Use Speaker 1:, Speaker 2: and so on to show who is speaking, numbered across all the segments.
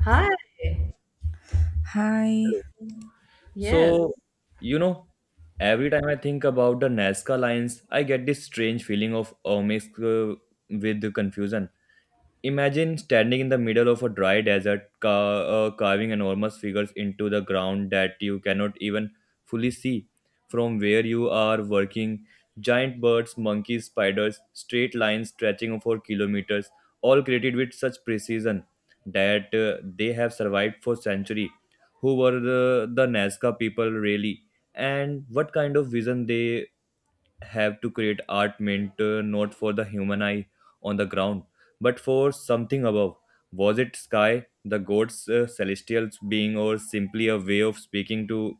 Speaker 1: Hi.
Speaker 2: Hi.
Speaker 1: Yes.
Speaker 3: So, you know, every time I think about the Nazca lines, I get this strange feeling of mixed with the confusion. Imagine standing in the middle of a dry desert, carving enormous figures into the ground that you cannot even fully see. From where you are working, giant birds, monkeys, spiders, straight lines stretching for kilometers, all created with such precision that they have survived for centuries. Who were the Nazca people really? And what kind of vision they have to create art meant not for the human eye on the ground, but for something above. Was it sky, the gods, celestial being, or simply a way of speaking to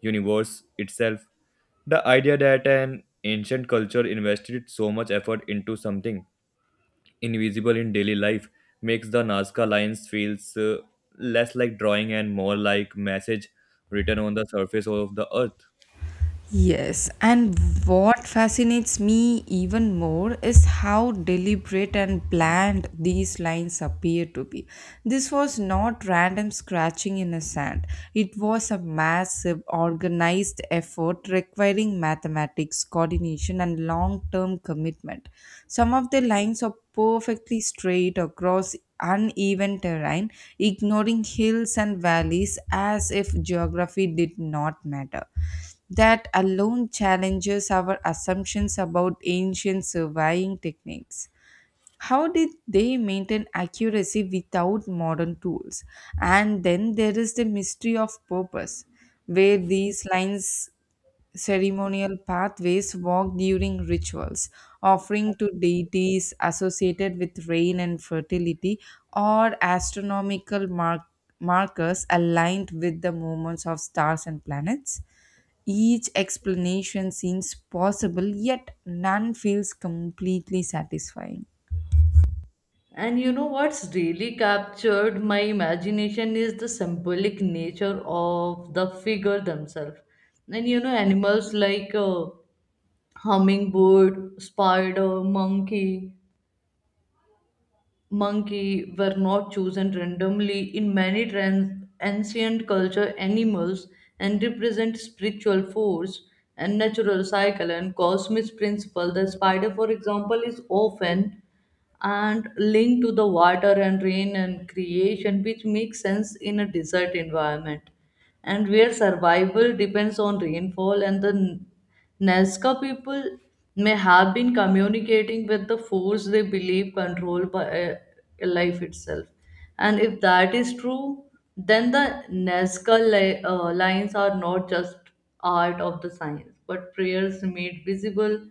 Speaker 3: universe itself? The idea that an ancient culture invested so much effort into something invisible in daily life makes the Nazca lines feels less like drawing and more like message written on the surface of the earth.
Speaker 2: Yes, and what fascinates me even more is how deliberate and planned these lines appear to be. This was not random scratching in a sand, it was a massive, organized effort requiring mathematics, coordination, and long term commitment. Some of the lines are perfectly straight across uneven terrain, ignoring hills and valleys as if geography did not matter that alone challenges our assumptions about ancient surveying techniques. How did they maintain accuracy without modern tools? And then there is the mystery of purpose, where these lines ceremonial pathways walked during rituals, offering to deities associated with rain and fertility or astronomical markers aligned with the movements of stars and planets. Each explanation seems possible, yet none feels completely satisfying.
Speaker 1: And you know what's really captured my imagination is the symbolic nature of the figure themselves. And you know, animals like hummingbird, spider, monkey were not chosen randomly. In many ancient culture, animals and represent spiritual force and natural cycle and cosmic principle. The spider, for example, is often and linked to the water and rain and creation, which makes sense in a desert environment and where survival depends on rainfall. And the Nazca people may have been communicating with the force they believe controlled by life itself. And if that is true, then the Nazca lines are not just art of the science, but prayers made visible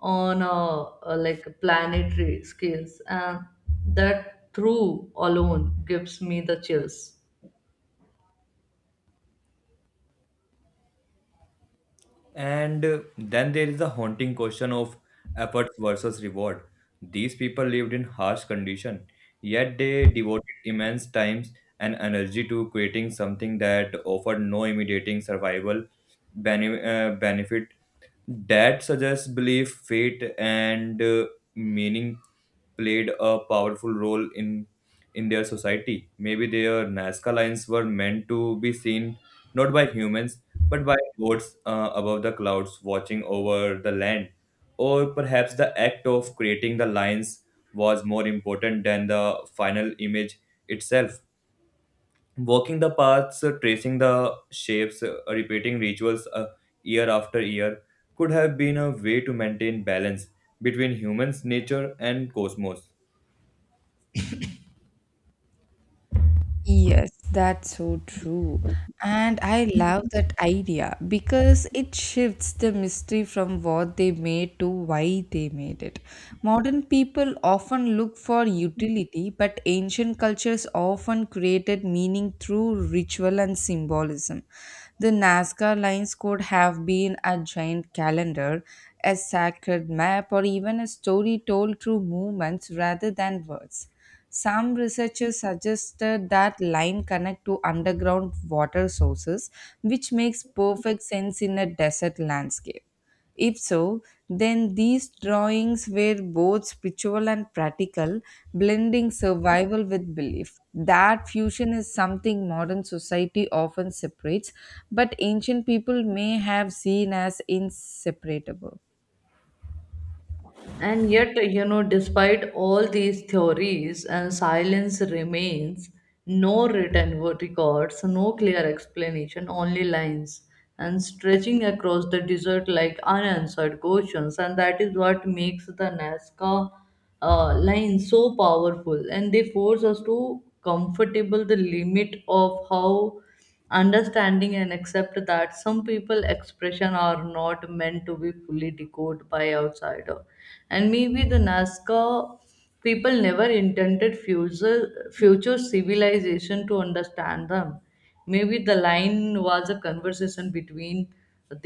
Speaker 1: on a like planetary scales, and that through alone gives me the chills.
Speaker 3: And then there is the haunting question of effort versus reward. These people lived in harsh condition, yet they devoted immense times and energy to creating something that offered no immediate survival benefit that suggests belief, fate, and meaning played a powerful role in their society. Maybe their Nazca lines were meant to be seen not by humans but by gods above the clouds watching over the land. Or perhaps the act of creating the lines was more important than the final image itself walking the paths, tracing the shapes, repeating rituals year after year could have been a way to maintain balance between humans, nature, and cosmos.
Speaker 2: Yes, that's so true. And I love that idea because it shifts the mystery from what they made to why they made it. Modern people often look for utility, but ancient cultures often created meaning through ritual and symbolism. The Nazca lines could have been a giant calendar, a sacred map, or even a story told through movements rather than words. Some researchers suggested that line connect to underground water sources, which makes perfect sense in a desert landscape. If so, then these drawings were both spiritual and practical, blending survival with belief. That fusion is something modern society often separates, but ancient people may have seen as inseparable.
Speaker 1: And yet, you know, despite all these theories and silence remains, no written records, no clear explanation, only lines and stretching across the desert like unanswered questions. And that is what makes the Nazca line so powerful. And they force us to comfortable the limit of how understanding and accept that some people expression are not meant to be fully decoded by outsider, and maybe the Nazca people never intended future civilization to understand them. Maybe the line was a conversation between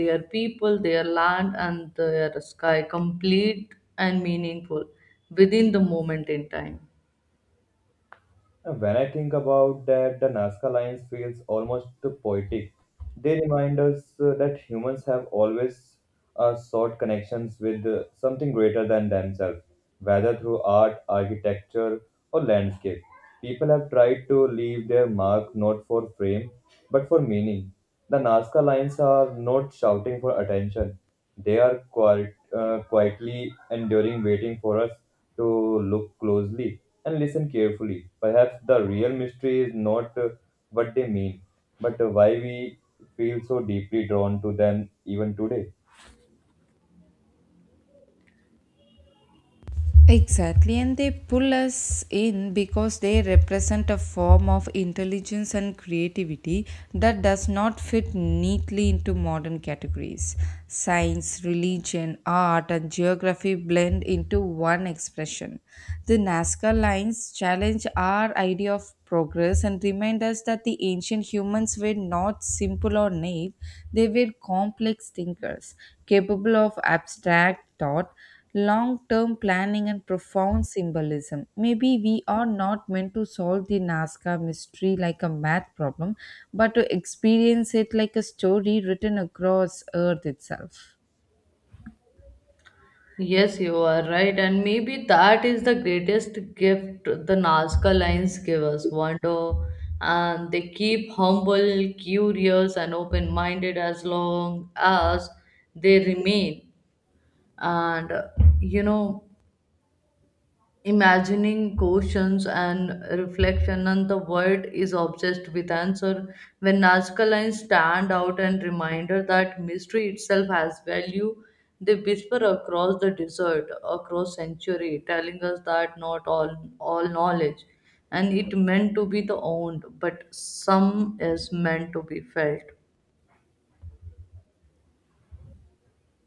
Speaker 1: their people, their land, and their sky, complete and meaningful within the moment in time.
Speaker 3: And when I think about that, the Nazca lines feels almost poetic. They remind us that humans have always sought connections with something greater than themselves, whether through art, architecture, or landscape. People have tried to leave their mark not for fame, but for meaning. The Nazca lines are not shouting for attention. They are quiet, quietly enduring, waiting for us to look closely and listen carefully. Perhaps the real mystery is not what they mean, but why we feel so deeply drawn to them even today.
Speaker 2: Exactly, and they pull us in because they represent a form of intelligence and creativity that does not fit neatly into modern categories. Science, religion, art, and geography blend into one expression. The Nazca lines challenge our idea of progress and remind us that the ancient humans were not simple or naive, they were complex thinkers, capable of abstract thought long term planning, and profound symbolism. Maybe we are not meant to solve the Nazca mystery like a math problem, but to experience it like a story written across Earth itself.
Speaker 1: Yes, you are right. And maybe that is the greatest gift the Nazca lines give us wonder. And they keep humble, curious, and open minded as long as they remain. And You know, imagining questions and reflection, and the world is obsessed with answer. When Nazca lines stand out and reminder that mystery itself has value, they whisper across the desert, across century, telling us that not all knowledge and it meant to be the owned, but some is meant to be felt.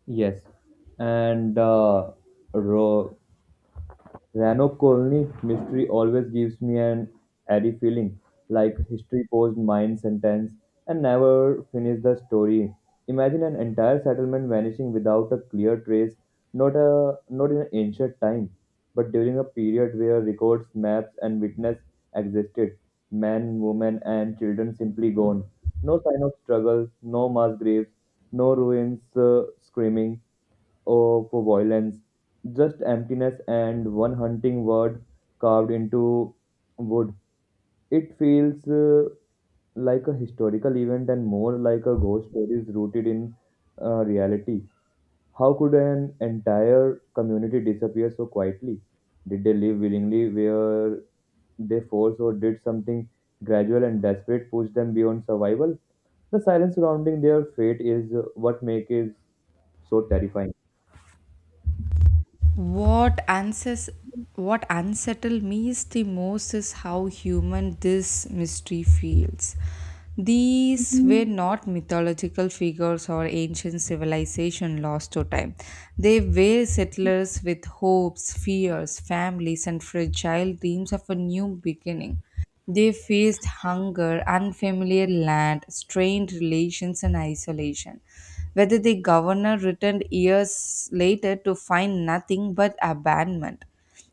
Speaker 3: Yes, and ro- Ranokkolnik's mystery always gives me an eerie feeling, like history posed mine sentence and never finished the story. Imagine an entire settlement vanishing without a clear trace, not in an ancient time, but during a period where records, maps, and witness existed. Men, women, and children simply gone. No sign of struggle, no mass graves, no ruins screaming or for violence, just emptiness and one hunting word carved into wood. It feels like a historical event and more like a ghost story rooted in reality. How could an entire community disappear so quietly? Did they live willingly where they forced, or did something gradual and desperate push them beyond survival? The silence surrounding their fate is what makes it so terrifying.
Speaker 2: What answers, what unsettled me is the most is how human this mystery feels. These were not mythological figures or ancient civilization lost to time, they were settlers with hopes, fears, families, and fragile dreams of a new beginning. They faced hunger, unfamiliar land, strained relations, and isolation. Whether the governor returned years later to find nothing but abandonment.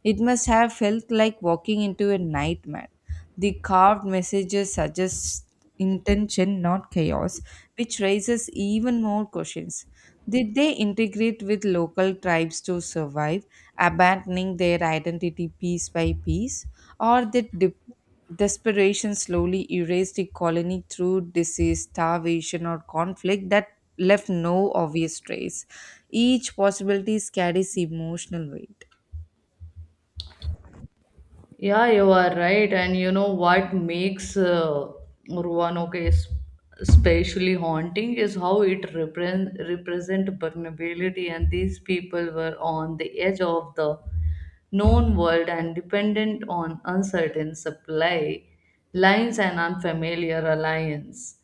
Speaker 2: It must have felt like walking into a nightmare. The carved messages suggest intention, not chaos, which raises even more questions. Did they integrate with local tribes to survive, abandoning their identity piece by piece, or did dip? Desperation slowly erased the colony through disease, starvation, or conflict that left no obvious trace. Each possibility carries emotional weight.
Speaker 1: Yeah, you are right. And you know what makes Roanoke is especially haunting is how it represent vulnerability, and these people were on the edge of the known world and dependent on uncertain supply lines and unfamiliar alliance.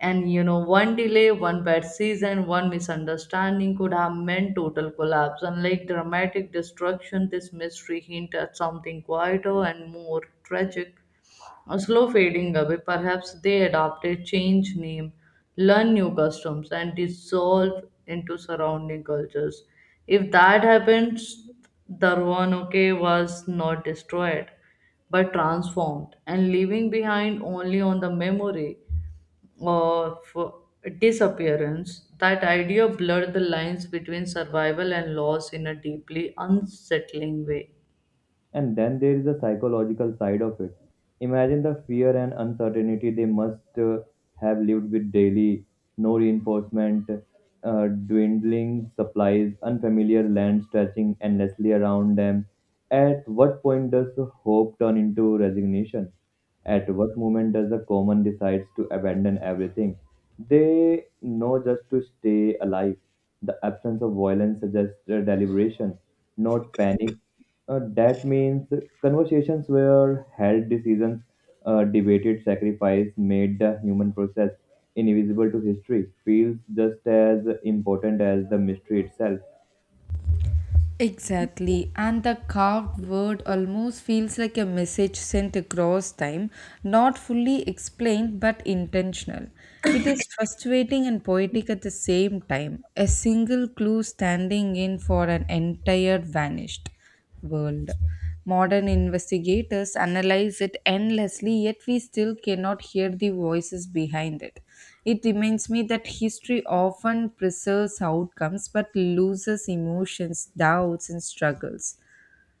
Speaker 1: And you know, one delay, one bad season, one misunderstanding could have meant total collapse. Unlike dramatic destruction, this mystery hints at something quieter and more tragic. A slow fading away, perhaps they adopted, changed name, learned new customs, and dissolved into surrounding cultures. If that happens, the Roanoke was not destroyed, but transformed and leaving behind only on the memory of disappearance. That idea blurred the lines between survival and loss in a deeply unsettling way.
Speaker 3: And then there is the psychological side of it. Imagine the fear and uncertainty they must have lived with daily, no reinforcement, dwindling supplies, unfamiliar land stretching endlessly around them. At what point does hope turn into resignation? At what moment does the common decides to abandon everything? They know just to stay alive. The absence of violence suggests deliberation, not panic that means conversations were held, decisions debated, sacrifice made the human process invisible to history feels just as important as the mystery itself.
Speaker 2: Exactly, and the carved word almost feels like a message sent across time, not fully explained but intentional. It is frustrating and poetic at the same time, a single clue standing in for an entire vanished world. Modern investigators analyze it endlessly, yet we still cannot hear the voices behind it. It reminds me that history often preserves outcomes but loses emotions, doubts, and struggles.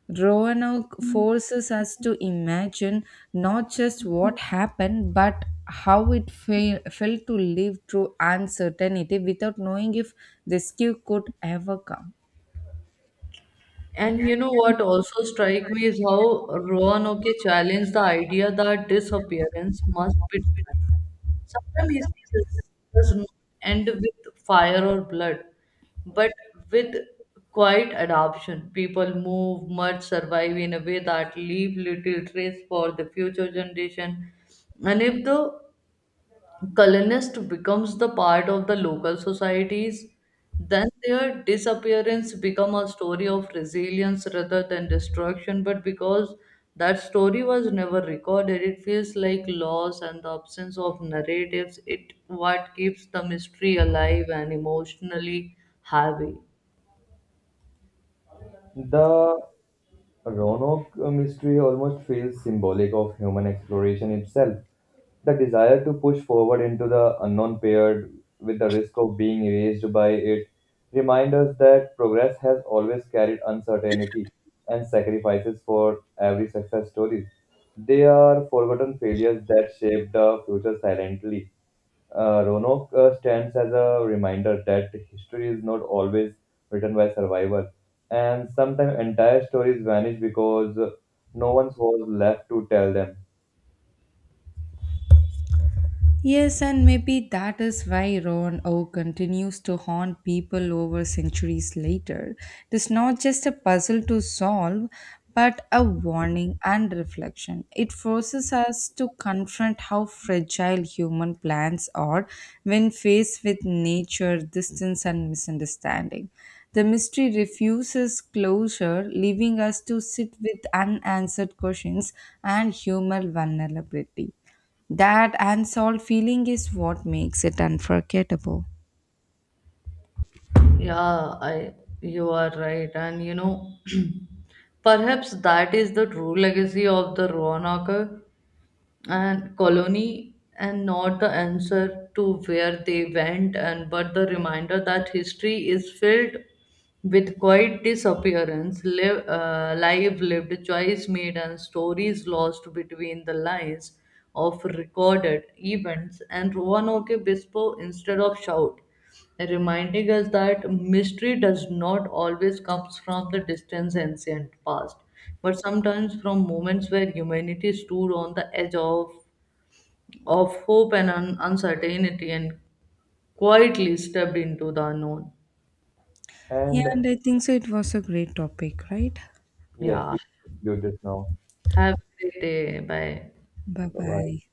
Speaker 2: Roanoke forces us to imagine not just what happened but how it felt to live through uncertainty without knowing if rescue could ever come.
Speaker 1: And you know what also strike me is how Roanoke challenged the idea that disappearance must be done. Sometimes history does not end with fire or blood, but with quiet adoption. People move, merge, survive in a way that leave little trace for the future generation. And if the colonist becomes the part of the local societies, then their disappearance become a story of resilience rather than destruction, but because that story was never recorded, it feels like loss, and the absence of narratives it what keeps the mystery alive and emotionally heavy.
Speaker 3: The Roanoke mystery almost feels symbolic of human exploration itself. The desire to push forward into the unknown, paired with the risk of being erased by it, remind us that progress has always carried uncertainty and sacrifices for every success story. They are forgotten failures that shape the future silently. Roanoke stands as a reminder that history is not always written by survival, and sometimes entire stories vanish because no one was left to tell them.
Speaker 2: Yes, and maybe that is why Roan O continues to haunt people over centuries later. It is not just a puzzle to solve, but a warning and reflection. It forces us to confront how fragile human plans are when faced with nature, distance, and misunderstanding. The mystery refuses closure, leaving us to sit with unanswered questions and human vulnerability. That unsolved feeling is what makes it unforgettable.
Speaker 1: Yeah I You are right. And you know, perhaps that is the true legacy of the Roanoke and colony, and not the answer to where they went, and but the reminder that history is filled with quiet disappearance live, live lived choice made, and stories lost between the lines of recorded events, and Roanoke bispo instead of shout, reminding us that mystery does not always comes from the distant ancient past, but sometimes from moments where humanity stood on the edge of hope and uncertainty, and quietly stepped into the unknown.
Speaker 2: Yeah,
Speaker 3: And
Speaker 2: and I think so. It was a great topic, right?
Speaker 3: yes,
Speaker 1: Yeah.
Speaker 3: we do this now.
Speaker 1: Have a great day. Bye.
Speaker 2: Bye
Speaker 3: Bye bye.
Speaker 2: bye.